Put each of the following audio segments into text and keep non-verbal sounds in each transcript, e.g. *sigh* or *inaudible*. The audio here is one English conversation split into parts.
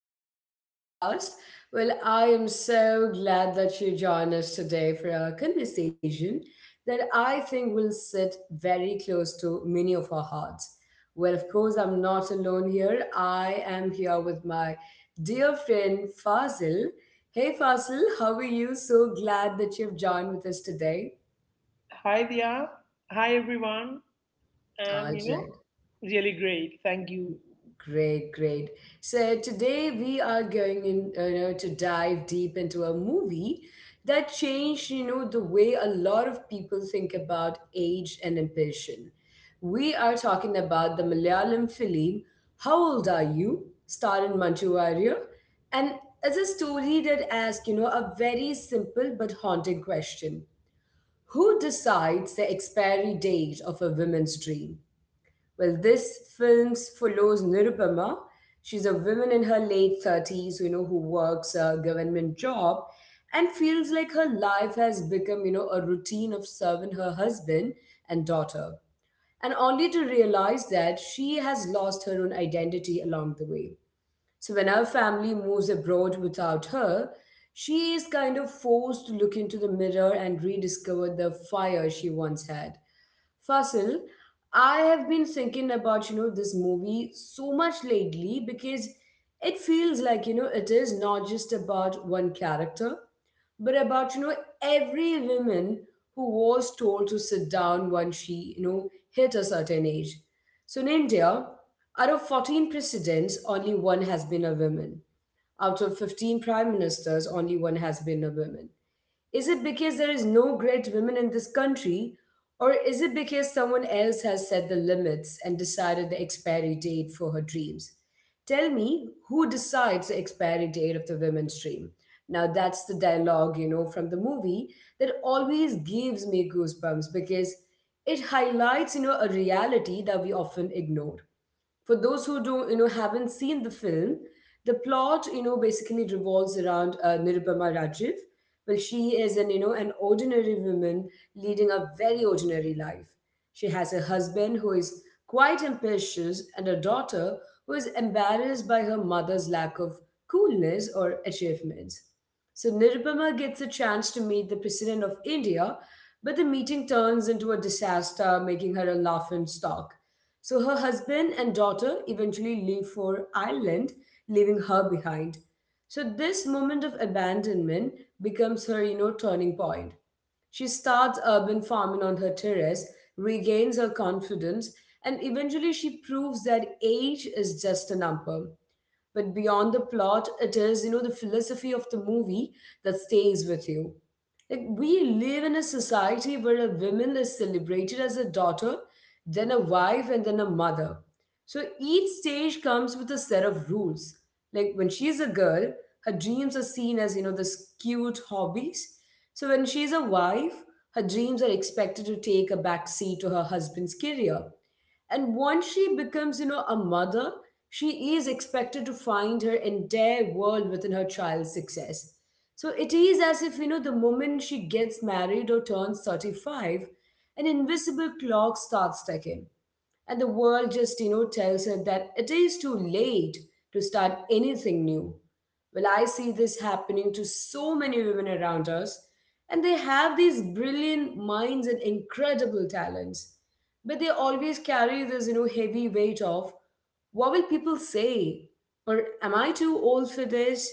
back to our podcast. Well, I am so glad that you joined us today for a conversation that I think will sit very close to many of our hearts. Well, of course, I'm not alone here. I am here with my dear friend Fazil. Hey Fazil, how are you? So glad that you've joined with us today. Hi Dia. Hi everyone. All I'm, right. really great. Thank you. Great, great. So today we are going in, to dive deep into a movie that changed, the way a lot of people think about age and ambition. We are talking about the Malayalam film "How Old Are You?" starring Manchu Warrier, and it's a story that asks, a very simple but haunting question: Who decides the expiry date of a woman's dream? Well, this film follows Nirupama. She's a woman in her late 30s, who works a government job and feels like her life has become, a routine of serving her husband and daughter. And only to realize that she has lost her own identity along the way. So when her family moves abroad without her, she is kind of forced to look into the mirror and rediscover the fire she once had. Fasil, I have been thinking about, this movie so much lately because it feels like, it is not just about one character, but about, every woman who was told to sit down when she, hit a certain age. So in India, out of 14 presidents, only one has been a woman. Out of 15 prime ministers, only one has been a woman. Is it because there is no great women in this country? Or is it because someone else has set the limits and decided the expiry date for her dreams? Tell me, who decides the expiry date of the women's dream? Now, that's the dialogue, from the movie that always gives me goosebumps because it highlights, a reality that we often ignore for those who don't haven't seen the film. The plot basically revolves around Nirupama Rajiv. Well, she is an you know an ordinary woman leading a very ordinary life. She has a husband who is quite ambitious and a daughter who is embarrassed by her mother's lack of coolness or achievements. So Nirupama gets a chance to meet the president of India, but the meeting turns into a disaster, making her a laughing stock. So her husband and daughter eventually leave for Ireland, leaving her behind. So this moment of abandonment becomes her, turning point. She starts urban farming on her terrace, regains her confidence, and eventually she proves that age is just a number. But beyond the plot, it is, the philosophy of the movie that stays with you. Like, we live in a society where a woman is celebrated as a daughter, then a wife, and then a mother. So each stage comes with a set of rules. Like, when she's a girl, her dreams are seen as, this cute hobbies. So when she's a wife, her dreams are expected to take a back seat to her husband's career. And once she becomes, a mother, she is expected to find her entire world within her child's success. So it is as if, the moment she gets married or turns 35, an invisible clock starts ticking. And the world just, tells her that it is too late to start anything new. Well, I see this happening to so many women around us, and they have these brilliant minds and incredible talents. But they always carry this, heavy weight of what will people say? Or am I too old for this?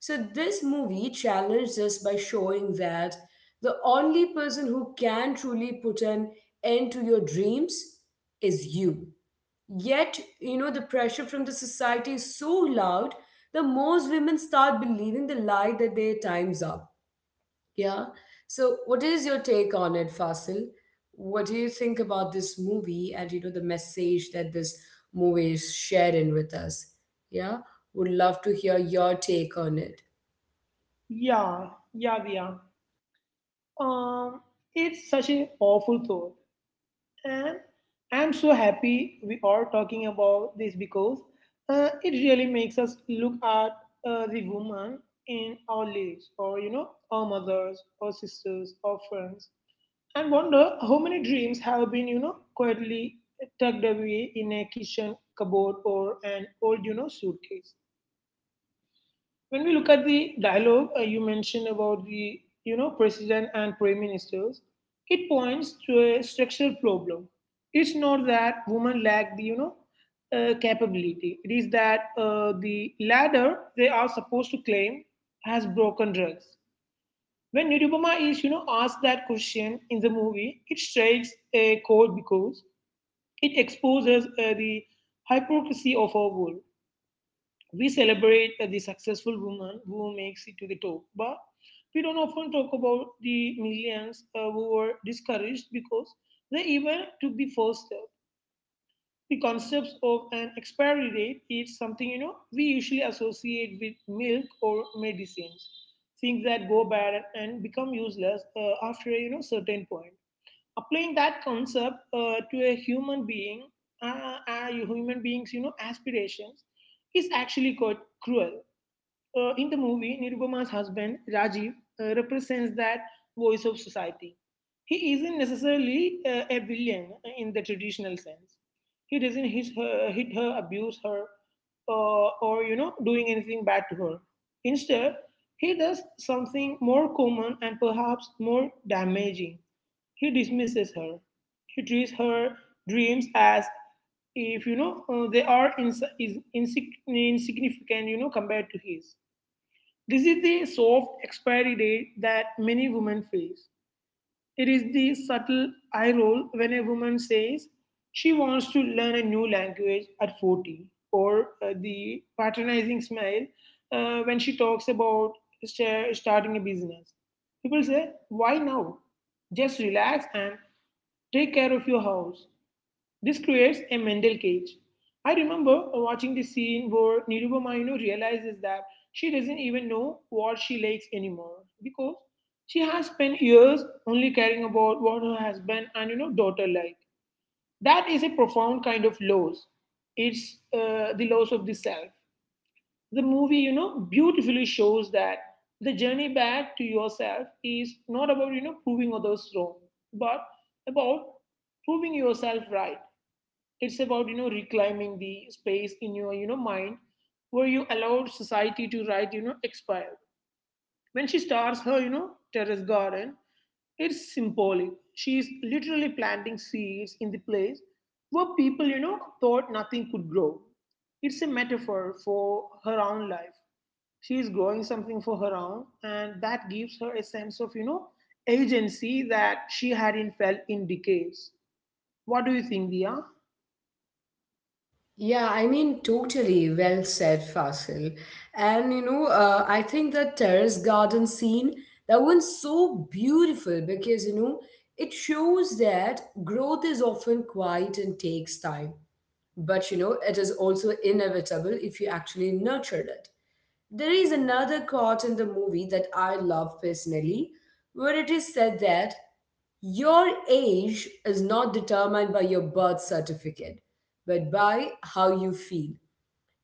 So this movie challenged us by showing that the only person who can truly put an end to your dreams is you. Yet, the pressure from the society is so loud that most women start believing the lie that their time's up. Yeah. So, what is your take on it, Fasil? What do you think about this movie and the message that this movie is sharing with us? Yeah. Would love to hear your take on it. Yeah, yeah, Dia. Um, it's such a awful thought. And I'm so happy we are talking about this because it really makes us look at the woman in our lives or, you know, our mothers, our sisters, our friends, and wonder how many dreams have been, you know, quietly tucked away in a kitchen cupboard or an old, you know, suitcase. When we look at the dialogue you mentioned about the, you know, president and prime ministers, it points to a structural problem. It's not that women lack the, capability. It is that the ladder they are supposed to claim has broken drugs. When Nirupama is, you know, asked that question in the movie, it strikes a chord because it exposes the hypocrisy of our world. We celebrate the successful woman who makes it to the top, but we don't often talk about the millions who were discouraged because they even took the first step. The concepts of an expiry date is something, you know, we usually associate with milk or medicines, things that go bad and become useless after a, you know, certain point. Applying that concept to a human being, human beings, you know, aspirations, is actually quite cruel. In the movie, Nirupama's husband, Rajiv, represents that voice of society. He isn't necessarily a villain in the traditional sense. He doesn't hit her, abuse her, or, you know, doing anything bad to her. Instead, he does something more common and perhaps more damaging. He dismisses her. He treats her dreams as if, they are ins- is insig- insignificant, you know, compared to his. This is the soft expiry date that many women face. It is the subtle eye roll when a woman says she wants to learn a new language at 40, or the patronizing smile when she talks about starting a business. People say, "Why now? Just relax and take care of your house." This creates a mental cage. I remember watching the scene where Nirupama, you know, realizes that she doesn't even know what she likes anymore because she has spent years only caring about what her husband and, you know, daughter like. That is a profound kind of loss. It's the loss of the self. The movie, you know, beautifully shows that the journey back to yourself is not about, you know, proving others wrong, but about proving yourself right. It's about, you know, reclaiming the space in your, you know, mind where you allowed society to write, you know, expire. When she starts her, you know, terrace garden, it's symbolic. She is literally planting seeds in the place where people, you know, thought nothing could grow. It's a metaphor for her own life. She is growing something for her own, and that gives her a sense of, you know, agency that she hadn't felt in decades. What do you think, Dia? Yeah, I mean, totally well said, Fasil. And I think the terrace garden scene, that one's so beautiful because it shows that growth is often quiet and takes time. But it is also inevitable if you actually nurtured it. There is another quote in the movie that I love personally, where it is said that your age is not determined by your birth certificate, but by how you feel.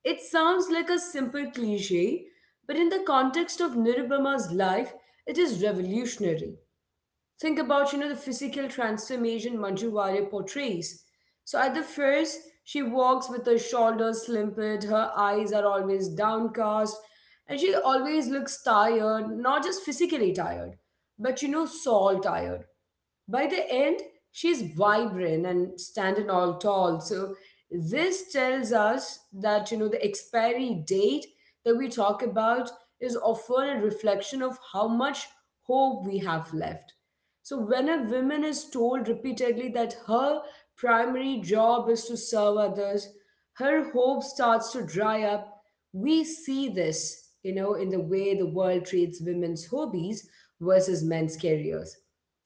It sounds like a simple cliche, but in the context of Nirubama's life, it is revolutionary. Think about the physical transformation Manju Warrior portrays. So at the first, she walks with her shoulders limpid, her eyes are always downcast, and she always looks tired, not just physically tired, but soul tired. By the end, she's vibrant and standing all tall. So this tells us that the expiry date that we talk about is often a reflection of how much hope we have left. So when a woman is told repeatedly that her primary job is to serve others, her hope starts to dry up. We see this, in the way the world treats women's hobbies versus men's careers.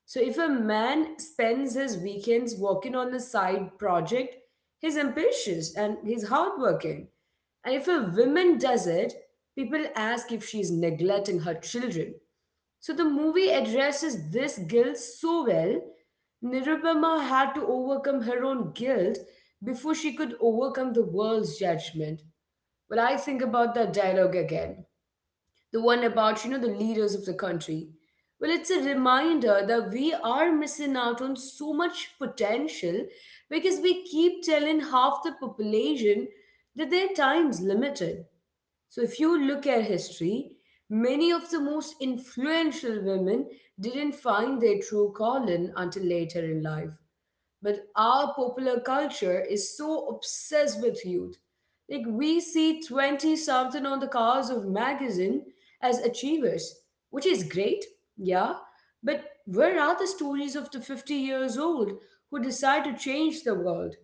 So if a man spends his weekends working on a side project, he's ambitious and he's hardworking. And if a woman does it, people ask if she's neglecting her children. So the movie addresses this guilt so well. Nirupama had to overcome her own guilt before she could overcome the world's judgment. Well, I think about that dialogue again, the one about the leaders of the country. Well, it's a reminder that we are missing out on so much potential because we keep telling half the population that their time's limited. So if you look at history, many of the most influential women didn't find their true calling until later in life. But our popular culture is so obsessed with youth. Like we see 20 something on the covers of magazine as achievers, which is great, yeah. But where are the stories of the 50 years old who decide to change the world?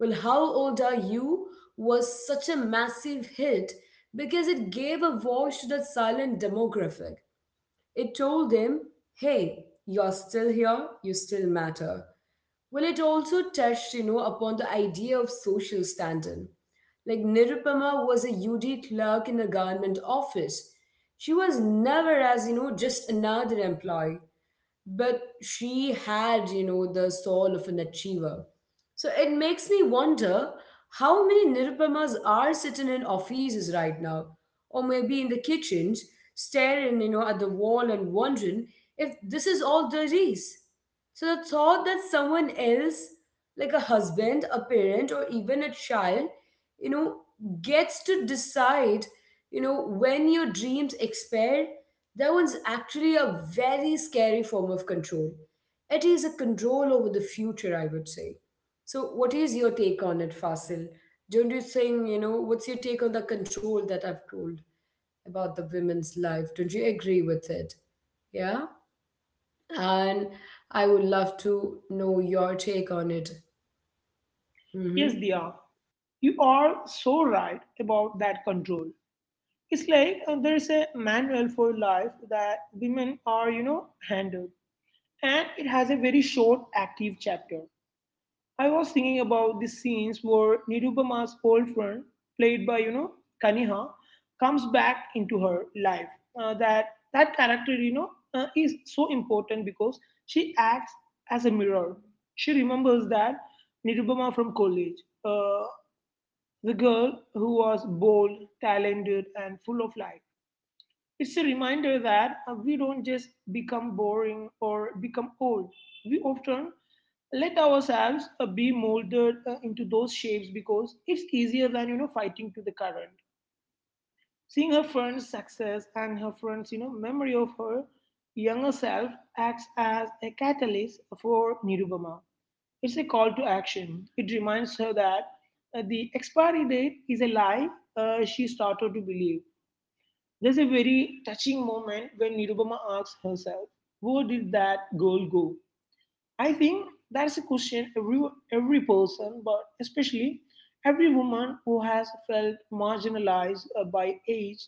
Well, How Old Are You was such a massive hit because it gave a voice to that silent demographic. It told them, hey, you're still here, you still matter. Well, it also touched, upon the idea of social standing. Like Nirupama was a UD clerk in a government office. She was never as, just another employee, but she had, the soul of an achiever. So it makes me wonder how many Nirupamas are sitting in offices right now, or maybe in the kitchens, staring, at the wall and wondering if this is all there is. So the thought that someone else, like a husband, a parent, or even a child, you know, gets to decide, when your dreams expire, that one's actually a very scary form of control. It is a control over the future, I would say. So, what is your take on it, Fasil? Don't you think, what's your take on the control that I've told about the women's life? Don't you agree with it? Yeah? And I would love to know your take on it. Yes, Dia, Hmm. you are so right about that control. It's like there is a manual for life that women are, you know, handled, and it has a very short active chapter. I was thinking about the scenes where Nirupama's old friend, played by, you know, Kaniha, comes back into her life. Uh, that that character, is so important because she acts as a mirror. She remembers that Nirupama from college, the girl who was bold, talented, and full of life. It's a reminder that we don't just become boring or become old. We often let ourselves be molded into those shapes because it's easier than, you know, fighting to the current. Seeing her friend's success and her friend's, you know, memory of her younger self acts as a catalyst for Nirubama. It's a call to action. It reminds her that the expiry date is a lie she started to believe. There's a very touching moment when Nirubama asks herself, "Where did that girl go?" I think that's a question every person, but especially every woman who has felt marginalized by age,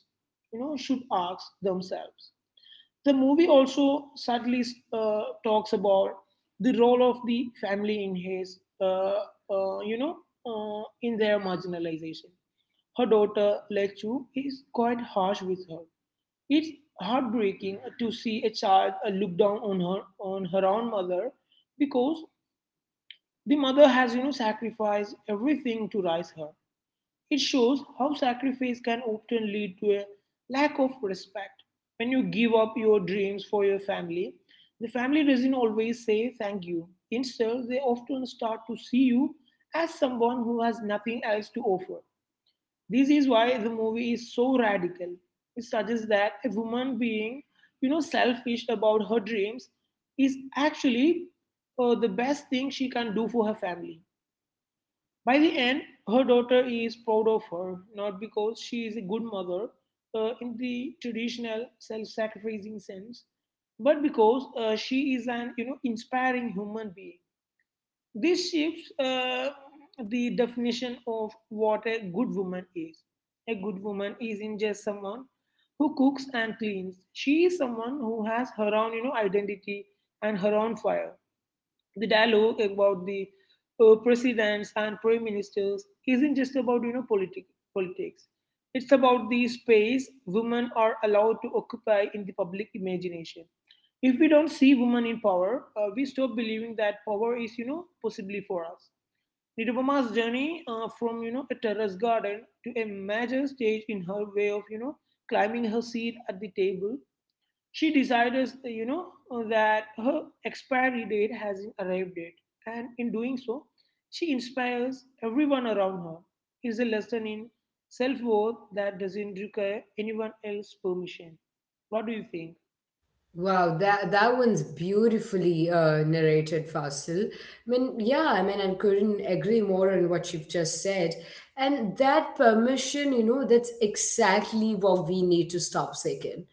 you know, should ask themselves. The movie also sadly talks about the role of the family in uh, you know, in their marginalization. Her daughter, Lechu, is quite harsh with her. It's heartbreaking to see a child look down on her own mother because the mother has, you know, sacrificed everything to raise her. It shows how sacrifice can often lead to a lack of respect. When you give up your dreams for your family, the family doesn't always say thank you. Instead, they often start to see you as someone who has nothing else to offer. This is why the movie is so radical. It suggests that a woman being, you know, selfish about her dreams is actually the best thing she can do for her family. By the end, her daughter is proud of her, not because she is a good mother in the traditional self-sacrificing sense, but because she is an, you know, inspiring human being. This shifts the definition of what a good woman is. A good woman isn't just someone who cooks and cleans. She is someone who has her own, you know, identity and her own fire. The dialogue about the, presidents and prime ministers isn't just about, you know, politics. It's about the space women are allowed to occupy in the public imagination. If we don't see women in power, we stop believing that power is, you know, possibly for us. Nirupama's journey from, you know, a terrace garden to a major stage in her way of, you know, climbing her seat at the table. She decides, you know, that her expiry date hasn't arrived yet, and in doing so, she inspires everyone around her. It's a lesson in self worth that doesn't require anyone else's permission. What do you think? Wow, that one's beautifully narrated, Fasil. I mean, yeah, I mean, I couldn't agree more on what you've just said. And that permission, that's exactly what we need to stop seeking.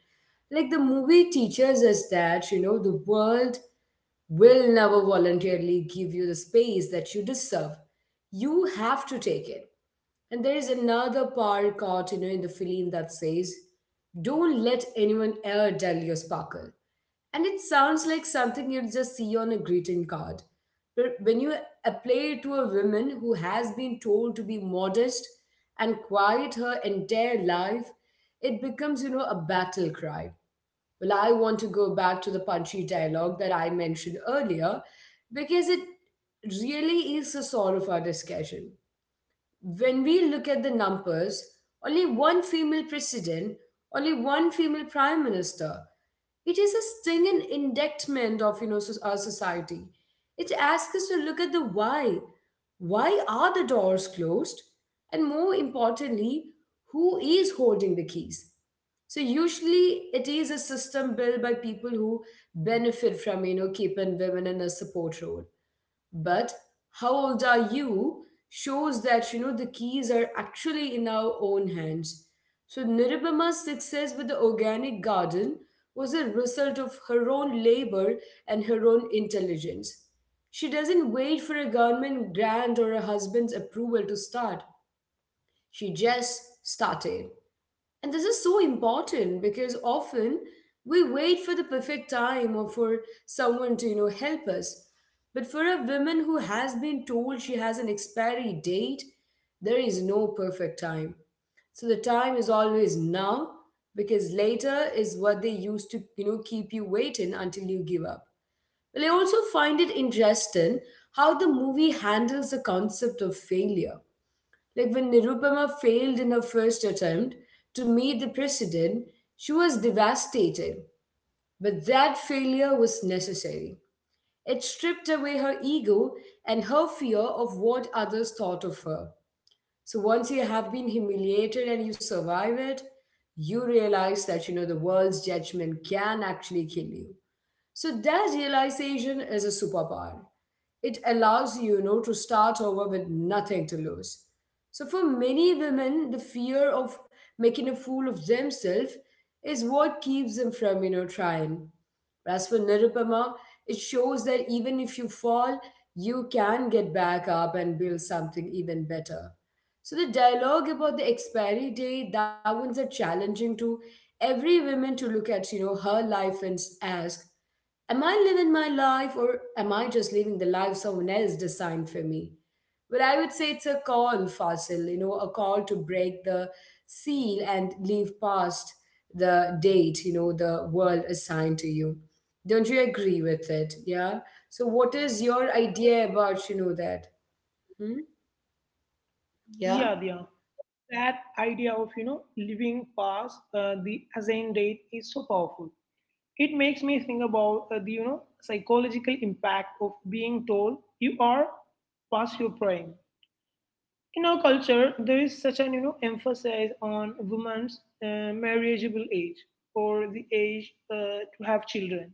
Like the movie teaches us that, the world will never voluntarily give you the space that you deserve. You have to take it. And there is another power card, in the film that says, Don't let anyone ever dull your sparkle. And it sounds like something you'd just see on a greeting card. But when you apply it to a woman who has been told to be modest and quiet her entire life, it becomes, a battle cry. Well, I want to go back to the punchy dialogue that I mentioned earlier because it really is the soul of our discussion. When we look at the numbers, only one female president, only one female prime minister. It is a stinging indictment of our society. It asks us to look at the why. Why are the doors closed? And more importantly, who is holding the keys? So usually it is a system built by people who benefit from keeping women in a support role, but how old are you shows that the keys are actually in our own hands. So nirubama's success with the organic garden was a result of her own labor and her own intelligence. She doesn't wait for a government grant or a husband's approval to start. She just started. And this is so important because often we wait for the perfect time or for someone to, help us. But for a woman who has been told she has an expiry date, there is no perfect time. So the time is always now, because later is what they use to, keep you waiting until you give up. Well, I also find it interesting how the movie handles the concept of failure, like when Nirupama failed in her first attempt to meet the president, she was devastated. But that failure was necessary. It stripped away her ego and her fear of what others thought of her. So once you have been humiliated and you survive it, you realize that the world's judgment can actually kill you. So that realization is a superpower. It allows you, to start over with nothing to lose. So for many women, the fear of making a fool of themselves is what keeps them from, trying. As for Nirupama, it shows that even if you fall, you can get back up and build something even better. So the dialogue about the expiry date, that one's a challenging to every woman to look at, her life and ask, am I living my life or am I just living the life someone else designed for me? Well, I would say it's a call, Fasil, a call to break the seal and live past the date, the world assigned to you. Don't you agree with it? Yeah. So, what is your idea about, that? Hmm? Yeah, Diya. Yeah. That idea of, you know, living past the assigned date is so powerful. It makes me think about the, you know, psychological impact of being told you are past your prime. In our culture, there is such an, you know, emphasis on women's marriageable age or the age to have children.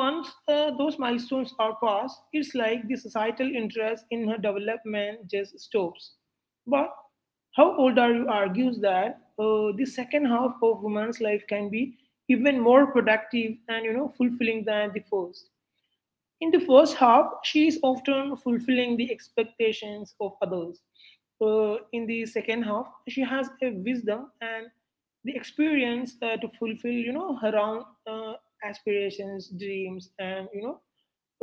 Once those milestones are passed, it's like the societal interest in her development just stops. But "How Old Are You" argues that the second half of woman's life can be even more productive and, you know, fulfilling than the first. In the first half, she is often fulfilling the expectations of others. In the second half, she has a wisdom and the experience to fulfill, you know, her own uh, aspirations, dreams, and, you know,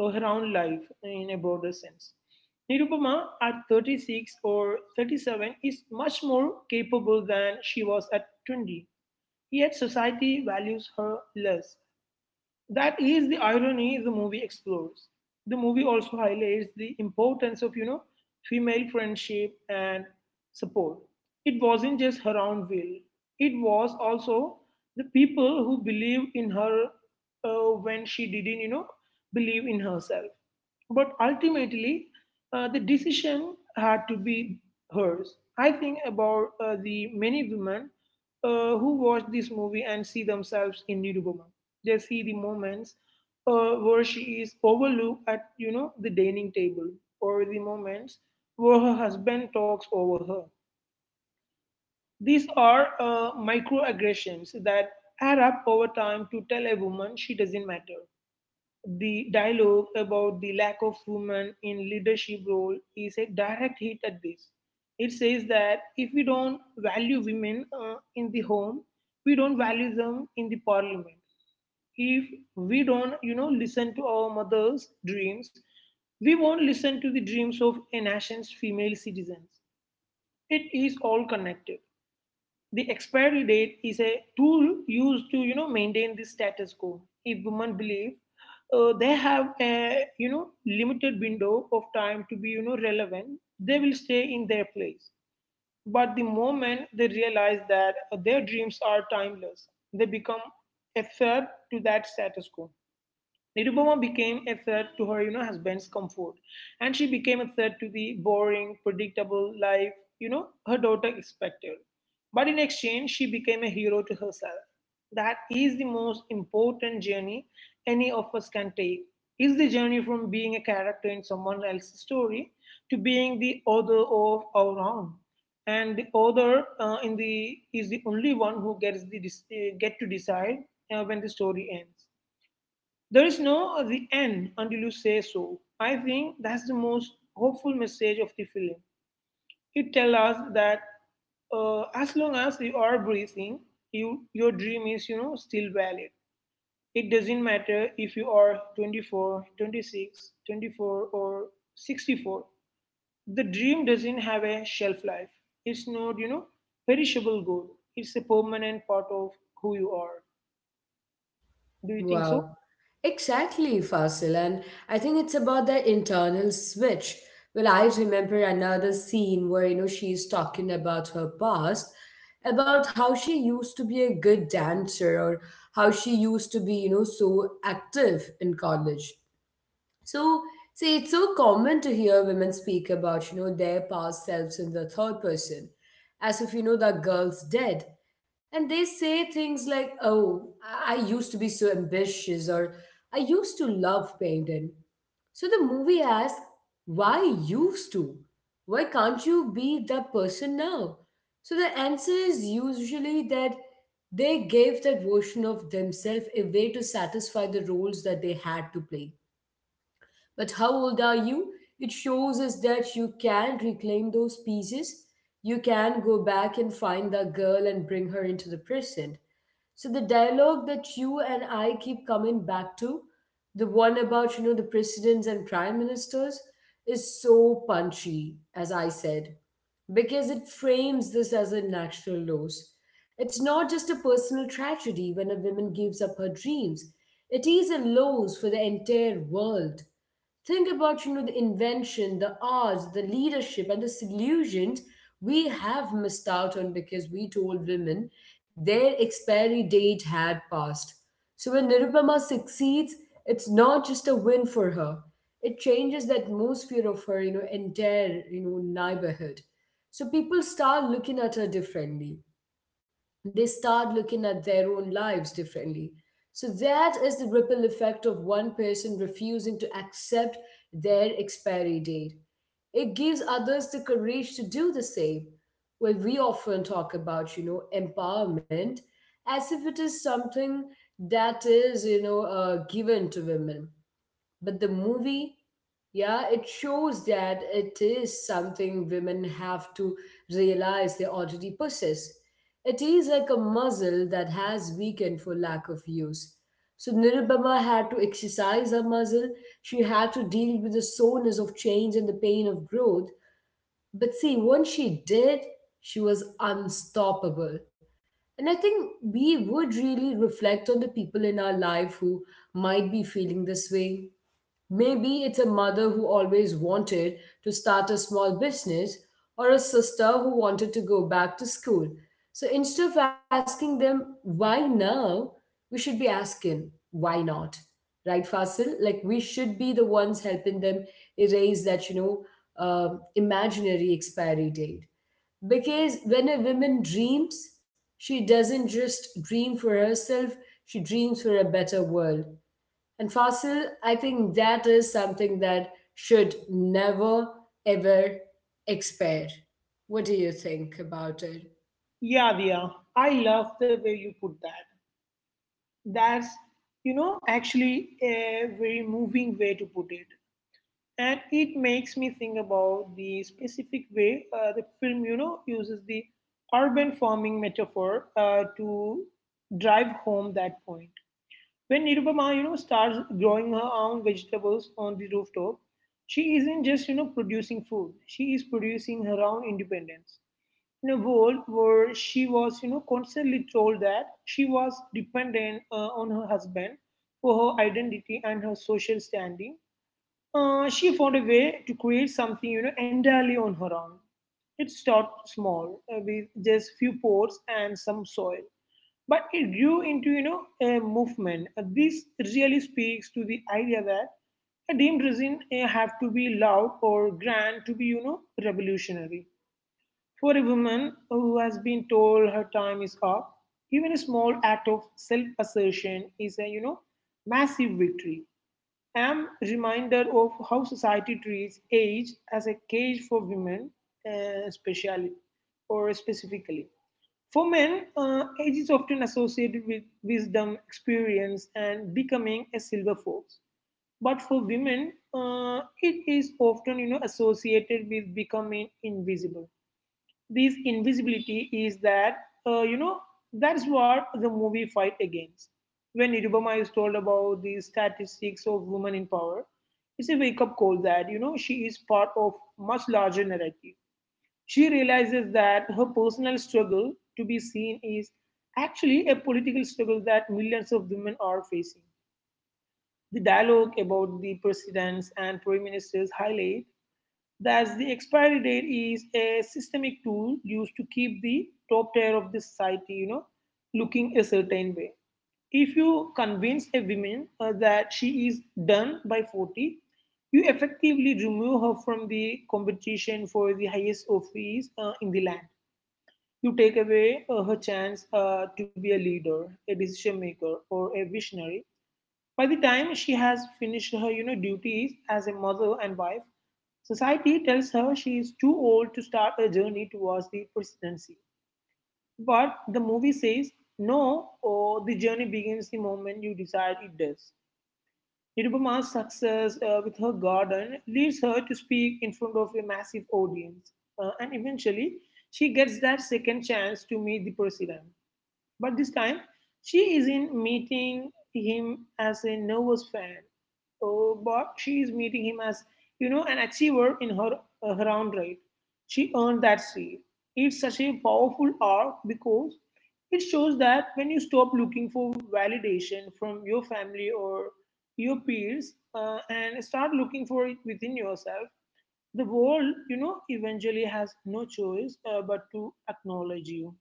uh, her own life in a broader sense. Nirupama at 36 or 37 is much more capable than she was at 20. Yet society values her less. That is the irony the movie explores. The movie also highlights the importance of, you know, female friendship and support. It wasn't just her own will, it was also the people who believe in her when she didn't, you know, believe in herself. But ultimately, the decision had to be hers. I think about the many women who watch this movie and see themselves in Nirupa. They see the moments where she is overlooked at, you know, the dining table, or the moments where her husband talks over her. These are microaggressions that add up over time to tell a woman she doesn't matter. The dialogue about the lack of women in leadership role is a direct hit at this. It says that if we don't value women in the home, we don't value them in the parliament. If we don't, you know, listen to our mothers' dreams, we won't listen to the dreams of a nation's female citizens. It is all connected. The expiry date is a tool used to, you know, maintain the status quo. If women believe they have a, you know, limited window of time to be, you know, relevant, they will stay in their place. But the moment they realize that their dreams are timeless, they become a threat to that status quo. Nirupama became a threat to her, you know, husband's comfort, and she became a threat to the boring, predictable life, you know, her daughter expected. But in exchange, she became a hero to herself. That is the most important journey any of us can take. It's the journey from being a character in someone else's story to being the author of our own. And the author, in the is the only one who get to decide when the story ends. There is no the end until you say so. I think that's the most hopeful message of the film. It tells us that as long as you are breathing, your dream is still valid. It doesn't matter if you are 24, 26, 24 or 64. The dream doesn't have a shelf life. It's not perishable goal. It's a permanent part of who you are. Do you think so? Wow. Exactly, Fasil. And I think it's about the internal switch. Well, I remember another scene where, she's talking about her past, about how she used to be a good dancer, or how she used to be, so active in college. So, see, it's so common to hear women speak about, their past selves in the third person, as if, that girl's dead. And they say things like, oh, I used to be so ambitious, or I used to love painting. So the movie asks, why used to? Why can't you be that person now? So the answer is usually that they gave that version of themselves away to satisfy the roles that they had to play. But how old are you? It shows us that you can reclaim those pieces. You can go back and find that girl and bring her into the present. So the dialogue that you and I keep coming back to, the one about the presidents and prime ministers, is so punchy, as I said, because it frames this as a national loss. It's not just a personal tragedy when a woman gives up her dreams. It is a loss for the entire world. Think about the invention, the arts, the leadership, and the solutions we have missed out on because we told women their expiry date had passed. So when nirupama succeeds, it's not just a win for her. It changes the atmosphere of her entire neighborhood. So people start looking at her differently. They start looking at their own lives differently. So that is the ripple effect of one person refusing to accept their expiry date. It gives others the courage to do the same. Well, we often talk about, empowerment as if it is something that is, given to women. But the movie, yeah, it shows that it is something women have to realize they already possess. It is like a muscle that has weakened for lack of use. So Nirubama had to exercise her muscle. She had to deal with the soreness of change and the pain of growth. But see, once she did, she was unstoppable. And I think we would really reflect on the people in our life who might be feeling this way. Maybe it's a mother who always wanted to start a small business, or a sister who wanted to go back to school. So instead of asking them, why now? We should be asking, why not? Right, Fasil? Like we should be the ones helping them erase that, imaginary expiry date. Because when a woman dreams, she doesn't just dream for herself, she dreams for a better world. And fossil, I think that is something that should never ever expire. What do you think about it? Yeah, Dia. I love the way you put that. That's, you know, actually a very moving way to put it. And it makes me think about the specific way the film, you know, uses the urban farming metaphor to drive home that point. When Nirupama, you know, starts growing her own vegetables on the rooftop, she isn't just, you know, producing food. She is producing her own independence in a world where she was, you know, constantly told that she was dependent on her husband for her identity and her social standing, she found a way to create something, you know, entirely on her own. It started small with just few pots and some soil, but it grew into, you know, a movement. This really speaks to the idea that a dream doesn't have to be loud or grand to be, you know, revolutionary for a woman who has been told her time is up, even a small act of self-assertion is a massive victory. I am reminded of how society treats age as a cage for women, specially or specifically. For men, age is often associated with wisdom, experience, and becoming a silver fox. But for women, it is often associated with becoming invisible. This invisibility is that, you know, That's what the movie fight against. When Irubama is told about the statistics of women in power, it's a wake-up call that, you know, she is part of much larger narrative. She realizes that her personal struggle to be seen is actually a political struggle that millions of women are facing. The dialogue about the presidents and prime ministers highlight. Thus, the expiry date is a systemic tool used to keep the top tier of the society, you know, looking a certain way. If you convince a woman that she is done by 40, you effectively remove her from the competition for the highest office in the land. You take away her chance to be a leader, a decision maker, or a visionary. By the time she has finished her duties as a mother and wife, society tells her she is too old to start a journey towards the presidency. But the movie says no, or the journey begins the moment you decide it does. Nirupama's success with her garden leads her to speak in front of a massive audience. And eventually she gets that second chance to meet the president. But this time, she isn't meeting him as a nervous fan, oh, but she is meeting him as, you know, an achiever in her own right. She earned that seat. It's such a powerful arc because it shows that when you stop looking for validation from your family or your peers and start looking for it within yourself, the world, you know, eventually has no choice but to acknowledge you.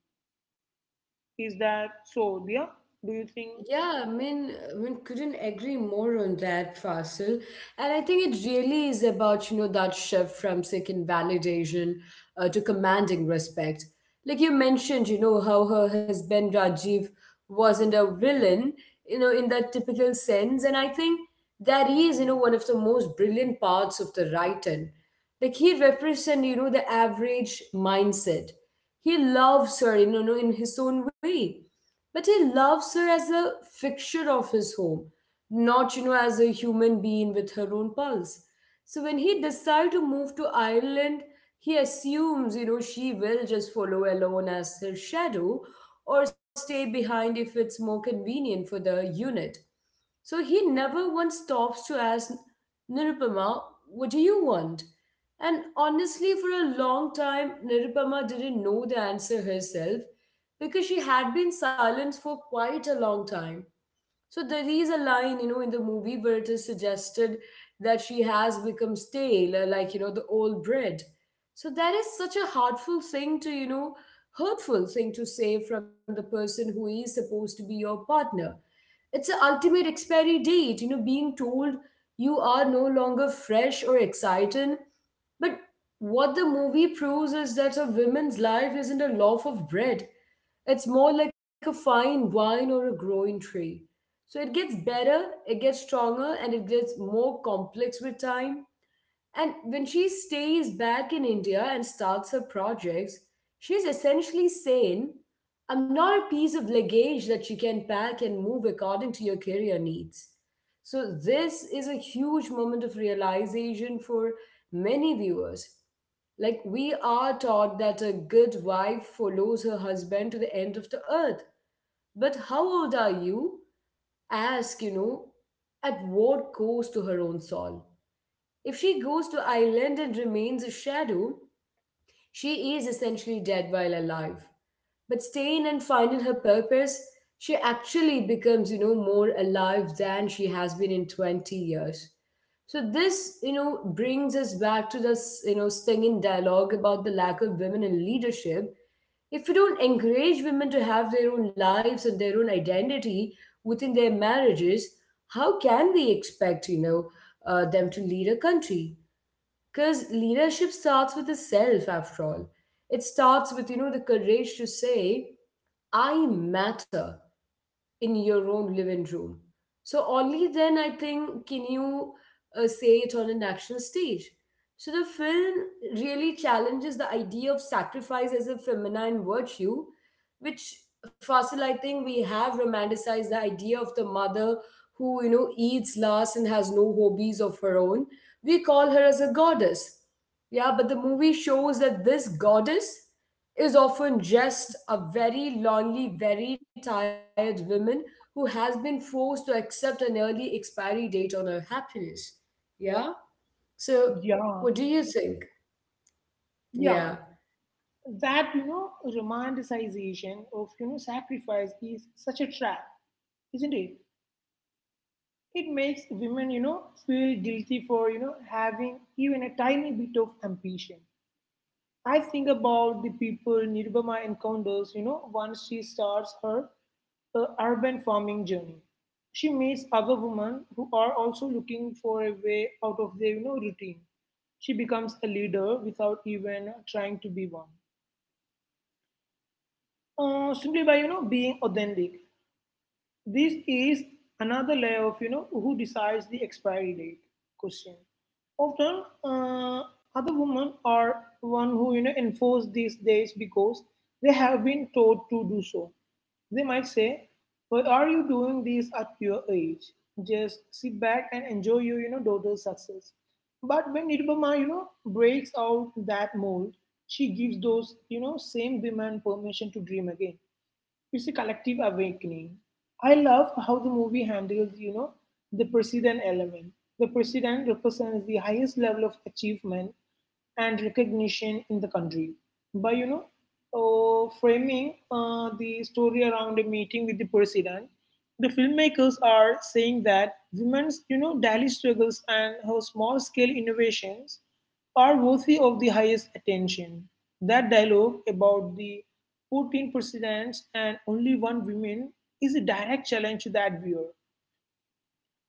Is that so, dear? Do you think? Yeah, I mean, couldn't agree more on that, Fasil. And I think it really is about, that shift from seeking validation to commanding respect. Like you mentioned, how her husband Rajiv wasn't a villain, in that typical sense. And I think that is, one of the most brilliant parts of the writing. Like he represents, the average mindset. He loves her, in his own way, but he loves her as a fixture of his home, not, as a human being with her own pulse. So when he decides to move to Ireland, he assumes, she will just follow alone as her shadow or stay behind if it's more convenient for the unit. So he never once stops to ask Nirupama, what do you want? And honestly, for a long time, Nirupama didn't know the answer herself because she had been silent for quite a long time. So there is a line, in the movie where it is suggested that she has become stale, like, the old bread. So that is such a heartful thing to, hurtful thing to say from the person who is supposed to be your partner. It's an ultimate expiry date, you know, being told you are no longer fresh or exciting. But what the movie proves is that a woman's life isn't a loaf of bread. It's more like a fine wine or a growing tree. So it gets better, it gets stronger, and it gets more complex with time. And when she stays back in India and starts her projects, she's essentially saying, I'm not a piece of luggage that you can pack and move according to your career needs. So, this is a huge moment of realization for many viewers. Like, we are taught that a good wife follows her husband to the end of the earth. But how old are you? Ask, at what cost to her own soul? If she goes to island and remains a shadow, she is essentially dead while alive. But staying and finding her purpose, she actually becomes, more alive than she has been in 20 years. So this, brings us back to this, stinging dialogue about the lack of women in leadership. If we don't encourage women to have their own lives and their own identity within their marriages, how can we expect, them to lead a country? Because leadership starts with the self, after all. It starts with, the courage to say, I matter in your own living room. So only then I think can you say it on a national stage. So the film really challenges the idea of sacrifice as a feminine virtue, which, Fasil, I think we have romanticized the idea of the mother who eats last and has no hobbies of her own. We call her as a goddess. Yeah, but the movie shows that this goddess is often just a very lonely, very tired woman who has been forced to accept an early expiry date on her happiness. Yeah? So, Yeah, what do you think? yeah. Yeah. That you know, romanticization of sacrifice is such a trap, isn't it? It makes women feel guilty for having even a tiny bit of ambition. I think about the people Nirubama encounters, you know, once she starts her urban farming journey. She meets other women who are also looking for a way out of their, you know, routine. She becomes a leader without even trying to be one, simply by, you know, being authentic. This is another layer of who decides the expiry date question. Often, other women are one who enforce these days because they have been told to do so. They might say, "Why are you doing this at your age? Just sit back and enjoy your daughter's success." But when Nirbama breaks out that mold, she gives those same women permission to dream again. It's a collective awakening. I love how the movie handles, you know, the president element. The president represents the highest level of achievement and recognition in the country by, framing the story around a meeting with the president. The filmmakers are saying that women's, you know, daily struggles and her small-scale innovations are worthy of the highest attention. That dialogue about the 14 presidents and only one woman is a direct challenge to that viewer.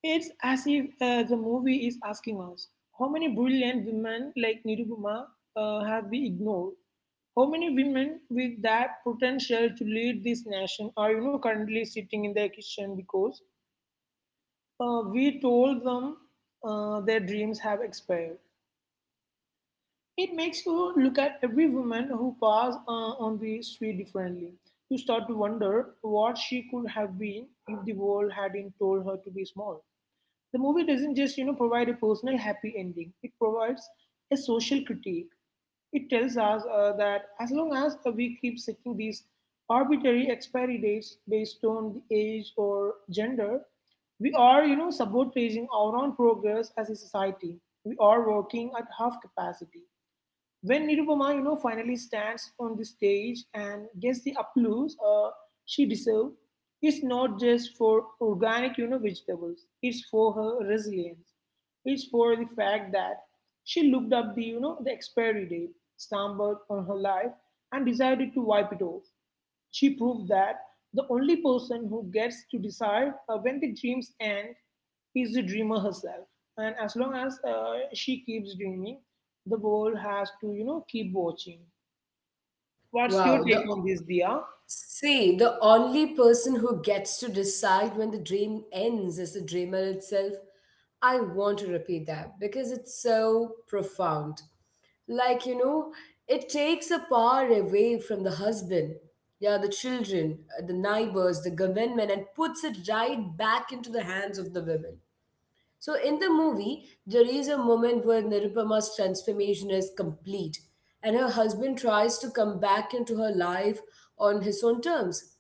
It's as if the movie is asking us how many brilliant women like Nirupama have we ignored? How many women with that potential to lead this nation are currently sitting in their kitchen because we told them their dreams have expired? It makes you look at every woman who passed on the street differently. You start to wonder what she could have been if the world hadn't told her to be small. The movie doesn't just, you know, provide a personal happy ending. It provides a social critique. It tells us that as long as we keep setting these arbitrary expiry dates based on the age or gender, we are, you know, sabotaging our own progress as a society. We are working at half capacity. When Nirupama, you know, finally stands on the stage and gets the applause she deserves, it's not just for organic, you know, vegetables. It's for her resilience. It's for the fact that she looked up the, you know, the expiry date, stumbled on her life, and decided to wipe it off. She proved that the only person who gets to decide when the dreams end is the dreamer herself. And as long as she keeps dreaming, the world has to, you know, keep watching. What's your Wow. Take on this, Dia? The only person who gets to decide when the dream ends is the dreamer itself. I want to repeat that because it's so profound. Like, it takes a power away from the husband, yeah, the children, the neighbors, the government, and puts it right back into the hands of the women. So in the movie, there is a moment where Nirupama's transformation is complete and her husband tries to come back into her life on his own terms.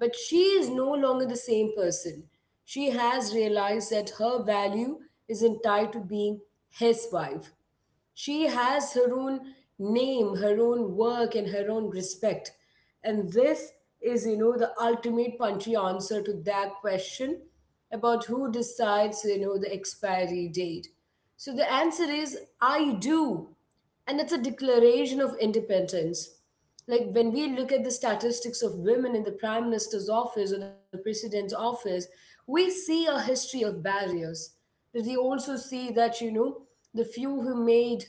But she is no longer the same person. She has realized that her value isn't tied to being his wife. She has her own name, her own work, and her own respect. And this is, the ultimate punchy answer to that question about who decides, the expiry date. So the answer is I do. And it's a declaration of independence. Like when we look at the statistics of women in the prime minister's office or the president's office, we see a history of barriers, but we also see that the few who made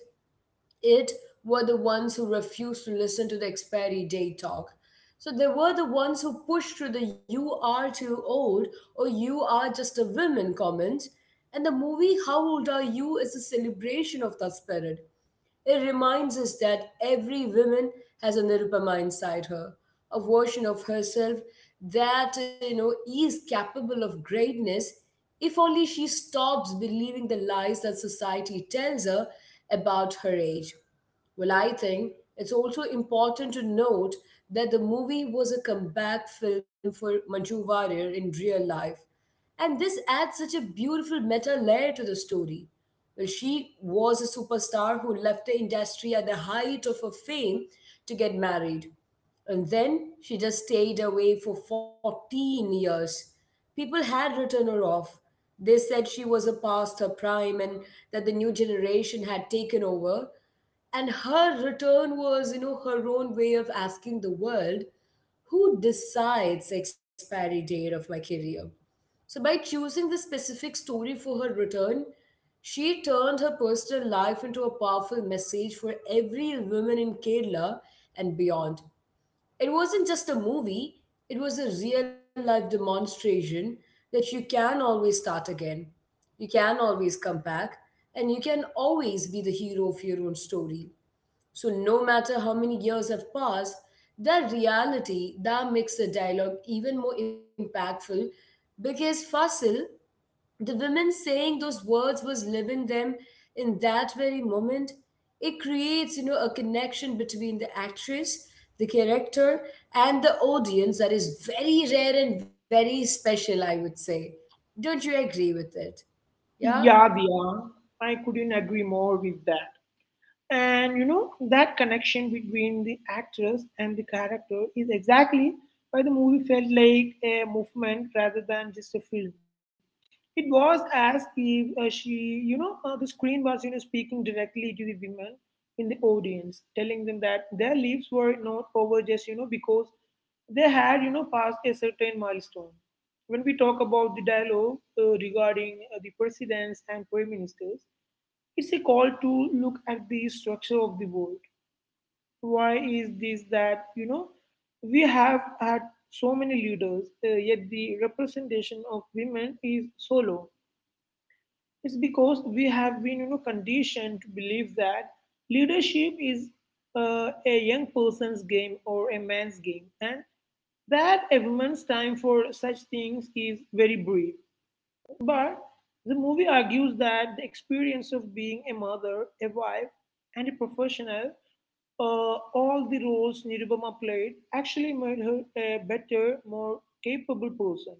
it were the ones who refused to listen to the expiry date talk. So they were the ones who pushed through the "you are too old" or "you are just a woman" comment. And the movie How Old Are You is a celebration of that spirit. It reminds us that every woman has a Nirupama inside her, a version of herself that is capable of greatness, if only she stops believing the lies that society tells her about her age. Well, I think it's also important to note that the movie was a comeback film for Manju Warrior in real life. And this adds such a beautiful meta layer to the story. Well, she was a superstar who left the industry at the height of her fame to get married. And then she just stayed away for 14 years. People had written her off. They said she was a past her prime and that the new generation had taken over. And her return was, her own way of asking the world, who decides the expiry date of my career? So, by choosing this specific story for her return, she turned her personal life into a powerful message for every woman in Kerala and beyond. It wasn't just a movie, it was a real life demonstration that you can always start again, you can always come back, and you can always be the hero of your own story. So, no matter how many years have passed, that reality that makes the dialogue even more impactful because, Fasil, the women saying those words was living them in that very moment. It creates, a connection between the actress, the character, and the audience that is very rare and very special, I would say. Don't you agree with it? Yeah. Yeah, Dia, I couldn't agree more with that. And you know, that connection between the actress and the character is exactly why the movie felt like a movement rather than just a film. It was as if the screen was, you know, speaking directly to the women in the audience, telling them that their lives were not over just, you know, because they had, you know, passed a certain milestone. When we talk about the dialogue regarding the presidents and prime ministers, it's a call to look at the structure of the world. Why is this that, you know, we have had so many leaders, yet the representation of women is so low? It's because we have been, you know, conditioned to believe that leadership is a young person's game or a man's game, and that a woman's time for such things is very brief. But the movie argues that the experience of being a mother, a wife, and a professional, all the roles Nirubama played, actually made her a better, more capable person,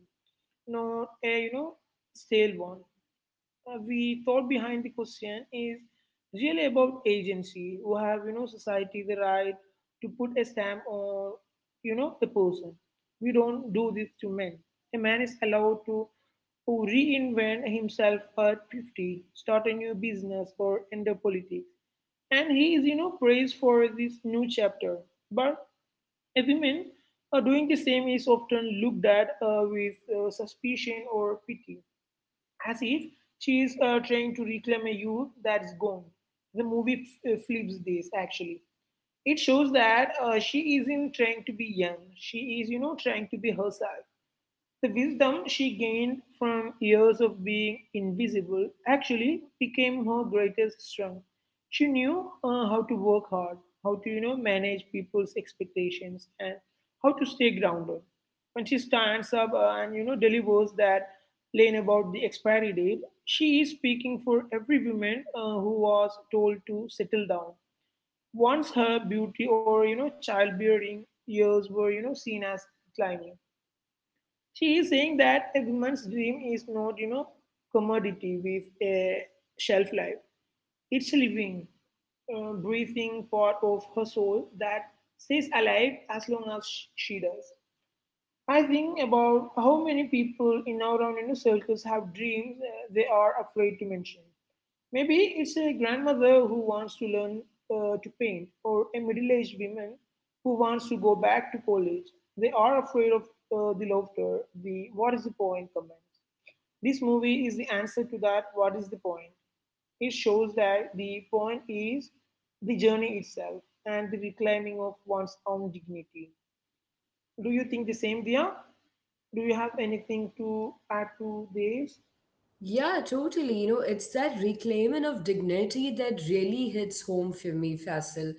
not a stale one. We thought behind the question is really about agency. We have, you know, society the right to put a stamp on, you know, a person. We don't do this to men. A man is allowed to reinvent himself at 50, start a new business, or enter politics. And he is, you know, praised for this new chapter. But a women doing the same is often looked at with suspicion or pity, as if she is trying to reclaim a youth that's gone. The movie flips this actually. It shows that she isn't trying to be young. She is, you know, trying to be herself. The wisdom she gained from years of being invisible actually became her greatest strength. She knew how to work hard, how to manage people's expectations, and how to stay grounded. When she stands up and delivers that line about the expiry date, she is speaking for every woman who was told to settle down. Once her beauty or childbearing years were seen as declining, she is saying that a woman's dream is not, you know, commodity with a shelf life. It's a living, breathing part of her soul that stays alive as long as she does. I think about how many people in our own you know, circles have dreams they are afraid to mention. Maybe it's a grandmother who wants to learn to paint, or a middle aged woman who wants to go back to college. They are afraid of the laughter, the what is the point comments. This movie is the answer to that what is the point. It shows that the point is the journey itself and the reclaiming of one's own dignity. Do you think the same, Dia? Do you have anything to add to this? Yeah, totally. It's that reclaiming of dignity that really hits home for me, Faisal.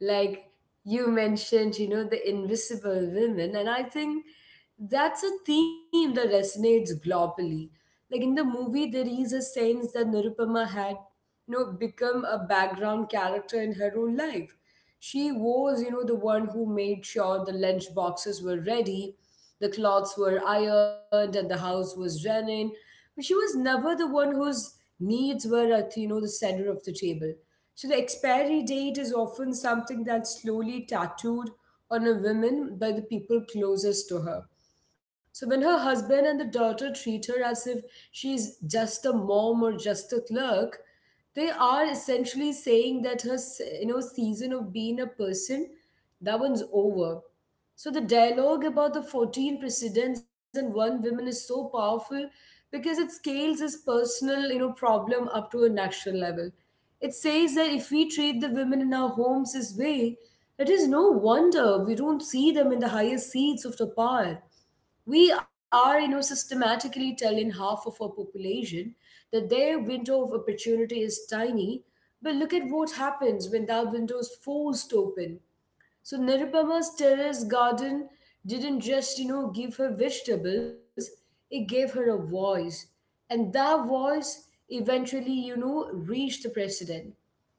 Like you mentioned, the invisible women, and I think that's a theme that resonates globally. Like in the movie, there is a sense that Nirupama had become a background character in her own life. She was, the one who made sure the lunch boxes were ready, the clothes were ironed, and the house was running. But she was never the one whose needs were at the center of the table. So the expiry date is often something that's slowly tattooed on a woman by the people closest to her. So when her husband and the daughter treat her as if she's just a mom or just a clerk, they are essentially saying that her season of being a person, that one's over. So the dialogue about the 14 presidents and one woman is so powerful because it scales this personal problem up to a national level. It says that if we treat the women in our homes this way, it is no wonder we don't see them in the highest seats of the power. We are systematically telling half of our population that their window of opportunity is tiny. But look at what happens when that window is forced open. So Nirupama's terrace garden didn't just give her vegetables, it gave her a voice. And that voice eventually reached the president.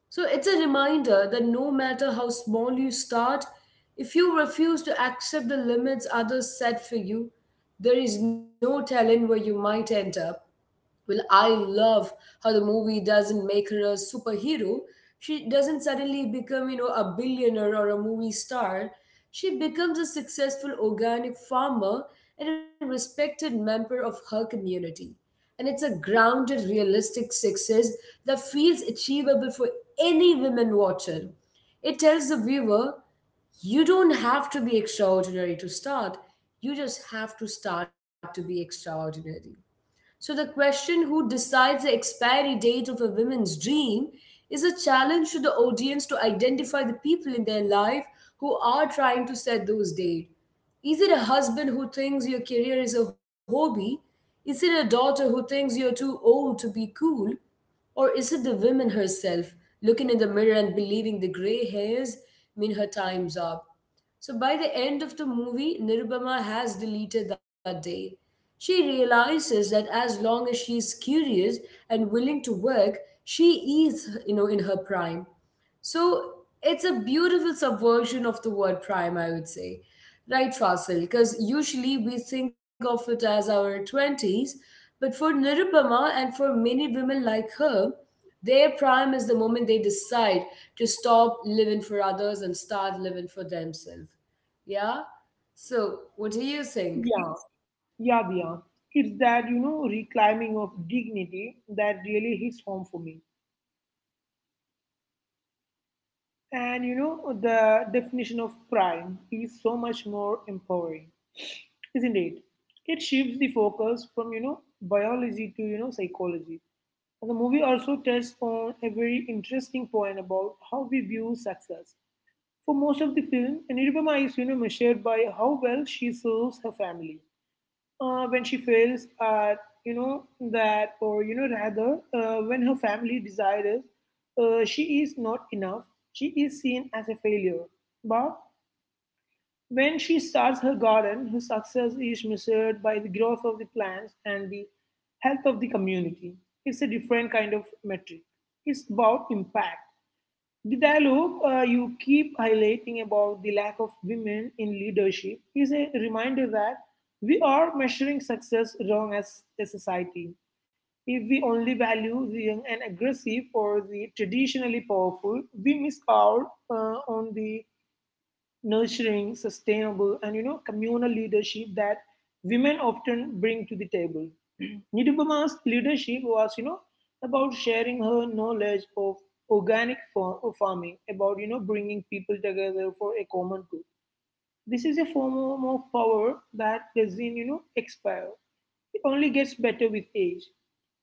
So it's a reminder that no matter how small you start, if you refuse to accept the limits others set for you, there is no telling where you might end up. Well, I love how the movie doesn't make her a superhero. She doesn't suddenly become, a billionaire or a movie star. She becomes a successful organic farmer and a respected member of her community. And it's a grounded, realistic success that feels achievable for any women watcher. It tells the viewer, you don't have to be extraordinary to start. You just have to start to be extraordinary. So the question, who decides the expiry date of a woman's dream, is a challenge to the audience to identify the people in their life who are trying to set those dates. Is it a husband who thinks your career is a hobby? Is it a daughter who thinks you're too old to be cool? Or is it the woman herself looking in the mirror and believing the grey hairs mean her time's up? So by the end of the movie, Nirubama has deleted that day. She realizes that as long as she is curious and willing to work, she is in her prime. So it's a beautiful subversion of the word prime, I would say. Right, Fasil? Because usually we think of it as our 20s, but for Nirupama and for many women like her, their prime is the moment they decide to stop living for others and start living for themselves. Yeah? So, what do you Yeah, think? yes, yeah, yeah. It's that, you know, reclaiming of dignity that really hits home for me. And, you know, the definition of crime is so much more empowering, isn't it? It shifts the focus from, you know, biology to, you know, psychology. And the movie also touched on a very interesting point about how we view success. For most of the film, Anirubama is, you know, measured by how well she serves her family when she fails at you know that or you know rather when her family desires, she is not enough, she is seen as a failure. But when she starts her garden, her success is measured by the growth of the plants and the health of the community. It's a different kind of metric, it's about impact. The dialogue you keep highlighting about the lack of women in leadership is a reminder that we are measuring success wrong as a society. If we only value the young and aggressive or the traditionally powerful, we miss out on the nurturing, sustainable, and you know, communal leadership that women often bring to the table. *clears throat* Nidubama's leadership was, you know, about sharing her knowledge of organic farming, about you know, bringing people together for a common good. This is a form of power that doesn't, you know, expire. It only gets better with age.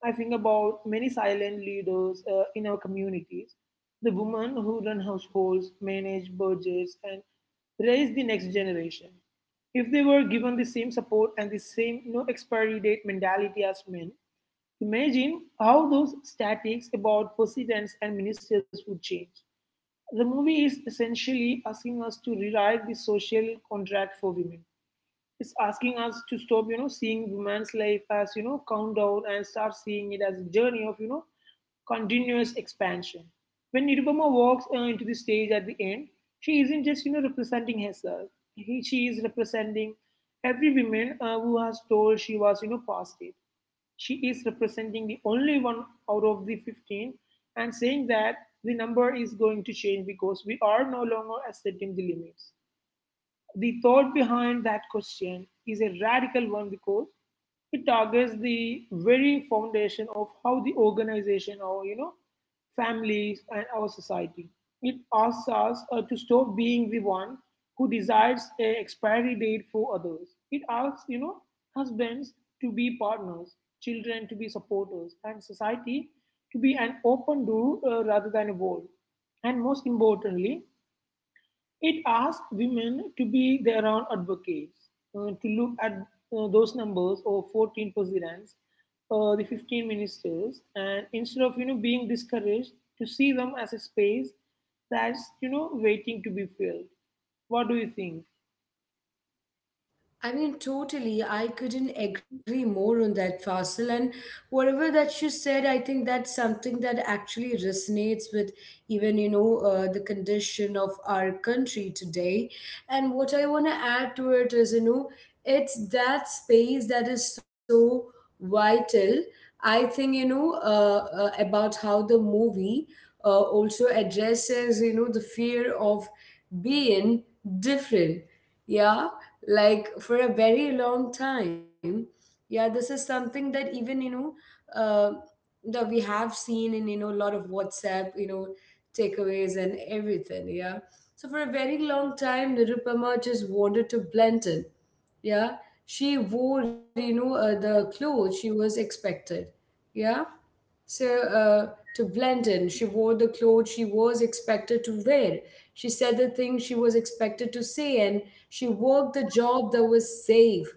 I think about many silent leaders in our communities, the women who run households, manage budgets, and raise the next generation. If they were given the same support and the same no expiry date mentality as men, imagine how those statics about presidents and ministers would change. The movie is essentially asking us to rewrite the social contract for women. It's asking us to stop, you know, seeing women's life as, you know, countdown and start seeing it as a journey of, you know, continuous expansion. When Nirupama walks into the stage at the end, she isn't just, you know, representing herself. She is representing every woman who has told she was, you know, past it. She is representing the only one out of the 15 and saying that the number is going to change because we are no longer accepting the limits. The thought behind that question is a radical one because it targets the very foundation of how the organization or you know families and our society. It asks us to stop being the one who decides a expiry date for others. It asks you know husbands to be partners, children to be supporters, and society to be an open door rather than a wall. And most importantly, it asks women to be their own advocates, to look at those numbers of 14 presidents, the 15 ministers, and instead of you know being discouraged, to see them as a space that's you know waiting to be filled. What do you think? I mean, totally. I couldn't agree more on that, Fasil. And whatever that you said, I think that's something that actually resonates with even, the condition of our country today. And what I want to add to it is, it's that space that is so vital. I think, about how the movie also addresses, the fear of being different. Yeah. Like for a very long time. Yeah. This is something that even uh, that we have seen in a lot of WhatsApp takeaways and everything. Yeah. So for a very long time, Nirupama just wanted to blend in. Yeah. She wore the clothes she was expected. Yeah. So, to blend in, she wore the clothes she was expected to wear. She said the things she was expected to say, and she worked the job that was safe.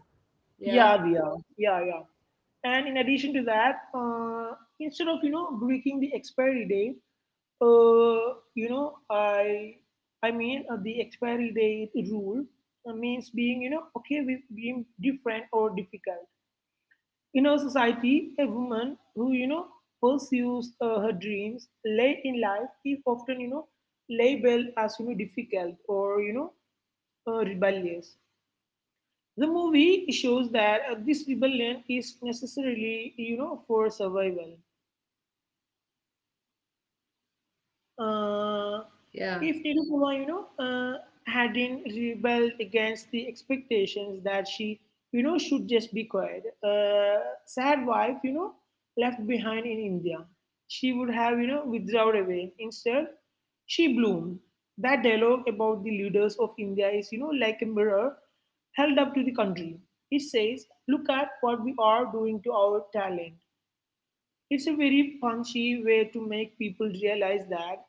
Yeah, Yeah, Dia. Yeah, yeah. And in addition to that, instead of you know breaking the expiry date, uh, you know I the expiry date rule means being you know okay with being different or difficult. In our society, a woman who you know pursues her dreams late in life is often you know labeled as you know difficult or you know rebellious. The movie shows that this rebellion is necessarily, you know, for survival. Uh, yeah. if Nirupama, hadn't rebelled against the expectations that she, you know, should just be quiet, sad wife, you know, left behind in India, she would have, you know, withdrawn away. Instead, she bloomed. That dialogue about the leaders of India is, you know, like a mirror held up to the country. It says, look at what we are doing to our talent. It's a very punchy way to make people realize that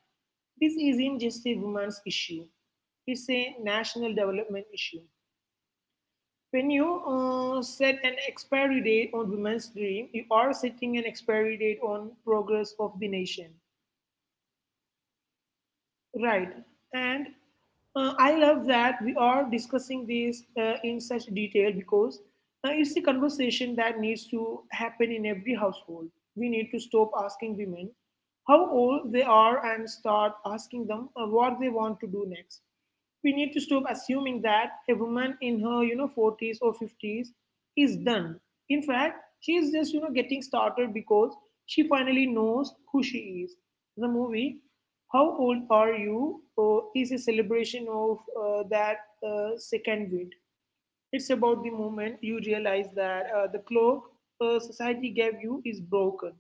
this isn't just a woman's issue, it's a national development issue. When you set an expiry date on women's dream, you are setting an expiry date on progress of the nation. Right. And I love that we are discussing this in such detail because it's the conversation that needs to happen in every household. We need to stop asking women how old they are and start asking them what they want to do next. We need to stop assuming that a woman in her, you know, 40s or 50s is done. In fact, she is just, you know, getting started because she finally knows who she is. The movie, How Old Are You, is a celebration of that second wind. It's about the moment you realize that the clock society gave you is broken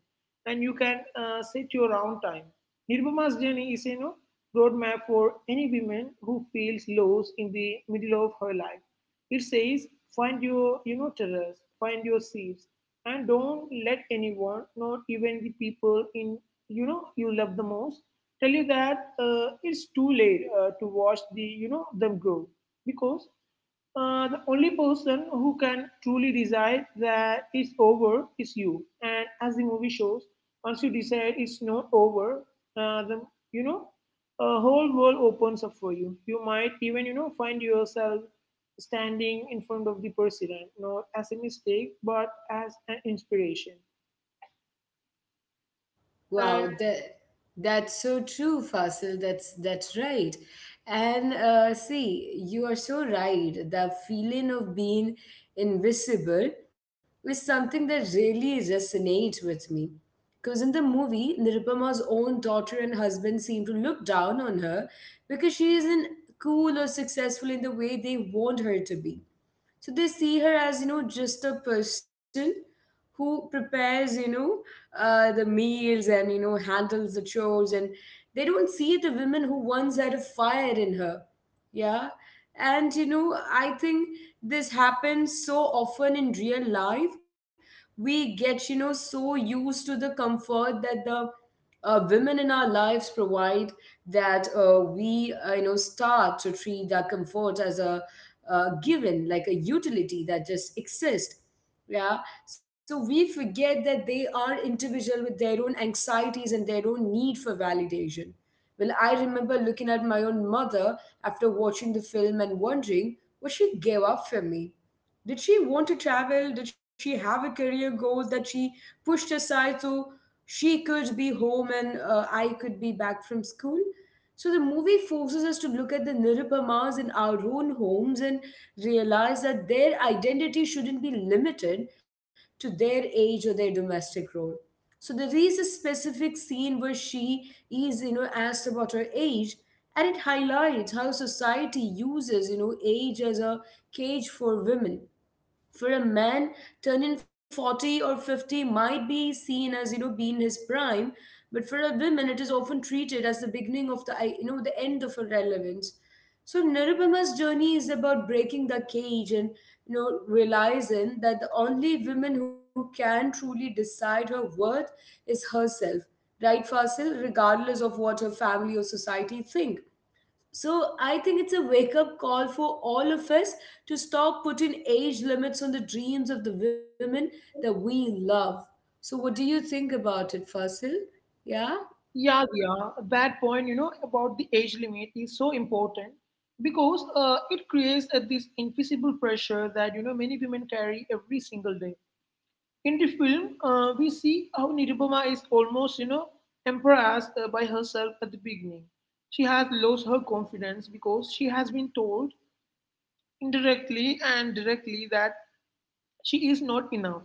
and you can set your own time. Nirbhama's journey is you know, roadmap for any woman who feels lost in the middle of her life. It says, find your you know terrace, find your seeds, and don't let anyone, not even the people in you know you love the most, tell you that it's too late to watch the you know them grow because the only person who can truly decide that it's over is you. And as the movie shows, once you decide it's not over, the you know, a whole world opens up for you. You might even you know find yourself standing in front of the president, not as a mistake, but as an inspiration. And Wow, that's so true, Fasil. That's right. And see, you are so right. The feeling of being invisible is something that really resonates with me. Because in the movie, Nirupama's own daughter and husband seem to look down on her because she isn't cool or successful in the way they want her to be. So they see her as, just a person who prepares, the meals and, handles the chores. And they don't see the women who once had a fire in her. Yeah. And, I think this happens so often in real life. We get, so used to the comfort that the women in our lives provide that we, start to treat that comfort as a given, like a utility that just exists. Yeah. So we forget that they are individual with their own anxieties and their own need for validation. Well, I remember looking at my own mother after watching the film and wondering what she gave up for me. Did she want to travel? Did she have a career goal that she pushed aside so she could be home and I could be back from school? So the movie forces us to look at the Nirupamas in our own homes and realize that their identity shouldn't be limited to their age or their domestic role. So there is a specific scene where she is, asked about her age, and it highlights how society uses, age as a cage for women. For a man, turning 40 or 50 might be seen as being his prime, but for a woman it is often treated as the beginning of the the end of her relevance. So Nirupama's journey is about breaking the cage and realizing that the only woman who can truly decide her worth is herself, right, Fasil, regardless of what her family or society think. So I think it's a wake up call for all of us to stop putting age limits on the dreams of the women that we love. So what do you think about it, Fasil? Yeah? yeah, yeah, that point, you know, about the age limit is so important because it creates this invisible pressure that, you know, many women carry every single day. In the film, we see how Nirubama is almost, you know, embarrassed by herself at the beginning. She has lost her confidence because she has been told indirectly and directly that she is not enough.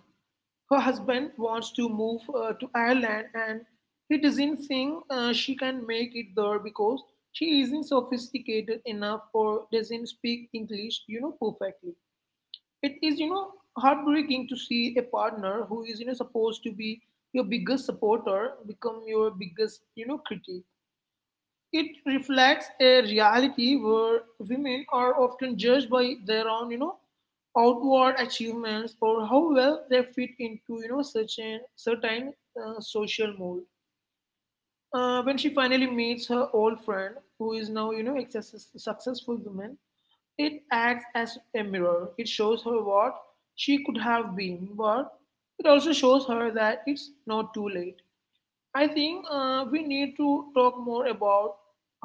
Her husband wants to move to Ireland and he doesn't think she can make it there because she isn't sophisticated enough or doesn't speak English, you know, perfectly. It is, you know, heartbreaking to see a partner who is, you know, supposed to be your biggest supporter become your biggest, you know, critic. It reflects a reality where women are often judged by their own, you know, outward achievements or how well they fit into, you know, such a certain social mold. When she finally meets her old friend, who is now, you know, a successful woman, it acts as a mirror. It shows her what she could have been, but it also shows her that it's not too late. I think we need to talk more about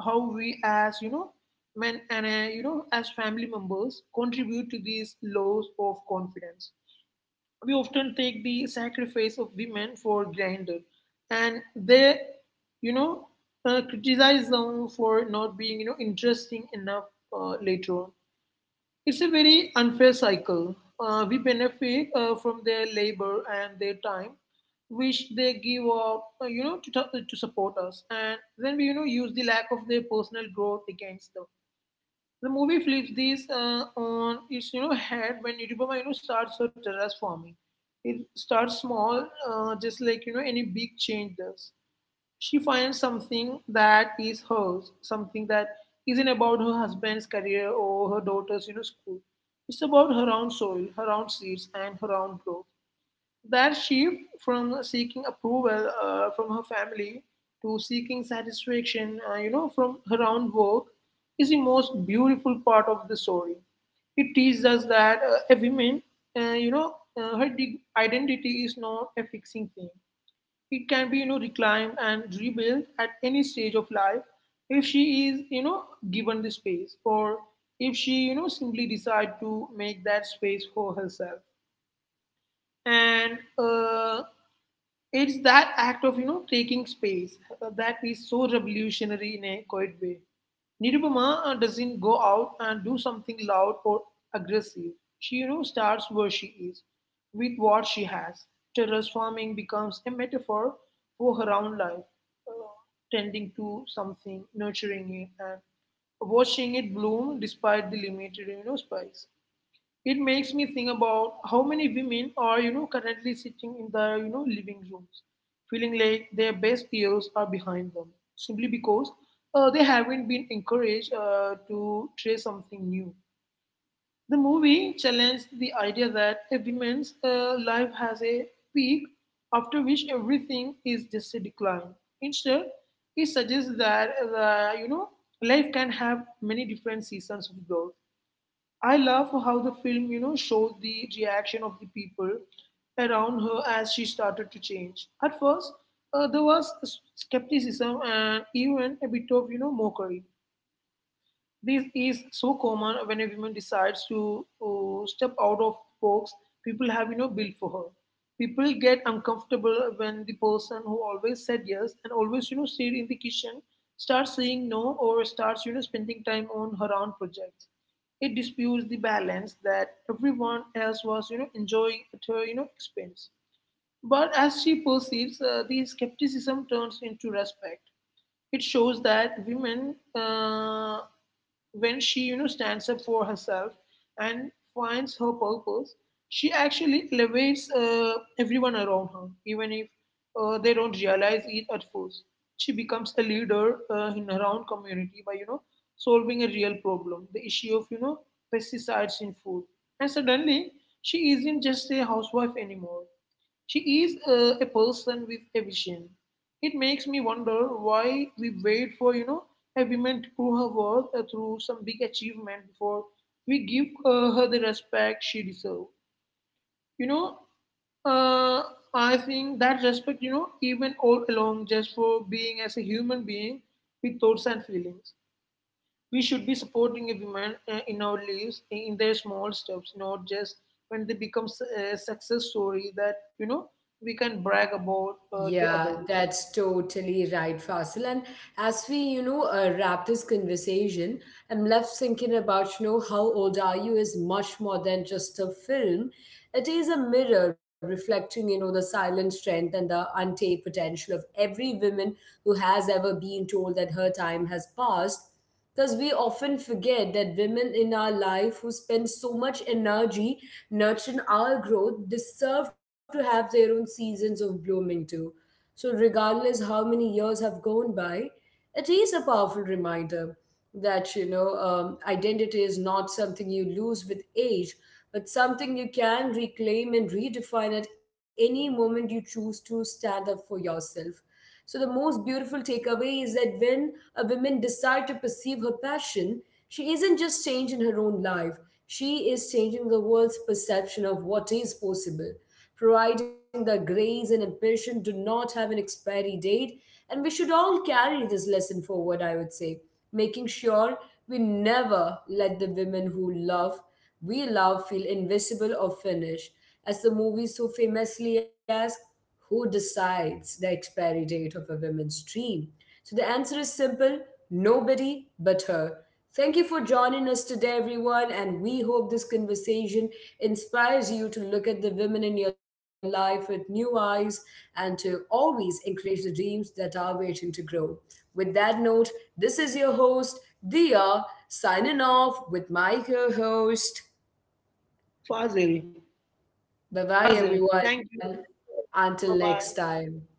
how we as you know men and you know as family members contribute to these loss of confidence. We often take the sacrifice of women for granted, and they you know criticize them for not being you know interesting enough later on. It's a very unfair cycle. We benefit from their labor and their time, which they give up, you know, to to support us. And then we, you know, use the lack of their personal growth against them. The movie flips this on its, you know, head when Nirupama, you know, starts her terrace farming. It starts small, just like, you know, any big change does. She finds something that is hers, something that isn't about her husband's career or her daughter's you know, school. It's about her own soil, her own seeds, and her own growth. That shift from seeking approval from her family to seeking satisfaction, you know, from her own work is the most beautiful part of the story. It teaches us that a woman, uh, you know, her identity is not a fixing thing. It can be, you know, reclaimed and rebuilt at any stage of life if she is, you know, given the space or if she, you know, simply decide to make that space for herself and it's that act of you know taking space that is so revolutionary in a quiet way. Nirupama doesn't go out and do something loud or aggressive. She you know starts where she is, with what she has. Terrace farming becomes a metaphor for her own life, uh, tending to something, nurturing it, and watching it bloom despite the limited you know space. It makes me think about how many women are you know currently sitting in their you know living rooms feeling like their best years are behind them simply because they haven't been encouraged to try something new. The movie challenged the idea that a woman's life has a peak after which everything is just a decline. Instead, it suggests that you know life can have many different seasons of growth. I love how the film, you know, showed the reaction of the people around her as she started to change. At first, there was skepticism and even a bit of, you know, mockery. This is so common when a woman decides to step out of box people have you know built for her. People get uncomfortable when the person who always said yes and always you know stayed in the kitchen starts saying no or starts you know spending time on her own projects. It disputes the balance that everyone else was you know enjoying at her you know expense. But as she proceeds, the skepticism turns into respect. It shows that women, when she you know stands up for herself and finds her purpose, she actually elevates everyone around her, even if they don't realize it at first. She becomes a leader in her own community by you know solving a real problem, the issue of you know pesticides in food, and suddenly she isn't just a housewife anymore. She is a person with a vision. It makes me wonder why we wait for, you know, a woman to prove her worth through some big achievement before we give her the respect she deserves. You know, uh, I think that respect, you know, even all along just for being as a human being with thoughts and feelings. We should be supporting a woman in our lives in their small steps, not just when they become a success story that, you know, we can brag about to Yeah, others. that's totally right, Fasil. And as we, wrap this conversation, I'm left thinking about, How Old Are You is much more than just a film. It is a mirror reflecting, the silent strength and the untapped potential of every woman who has ever been told that her time has passed. Because we often forget that women in our life who spend so much energy nurturing our growth deserve to have their own seasons of blooming too. So, regardless how many years have gone by, it is a powerful reminder that identity is not something you lose with age, but something you can reclaim and redefine at any moment you choose to stand up for yourself. So the most beautiful takeaway is that when a woman decides to pursue her passion, she isn't just changing her own life, she is changing the world's perception of what is possible, providing that grace and ambition do not have an expiry date. And we should all carry this lesson forward, I would say, making sure we never let the women who love, we love, feel invisible or finished. As the movie so famously asks, who decides the expiry date of a woman's dream? So the answer is simple: nobody but her. Thank you for joining us today, everyone, and we hope this conversation inspires you to look at the women in your life with new eyes and to always encourage the dreams that are waiting to grow. With that note, this is your host, Dia, signing off with my co host. Fazil, Bye Fazil, bye, thank you. everyone. Bye bye. Until next time.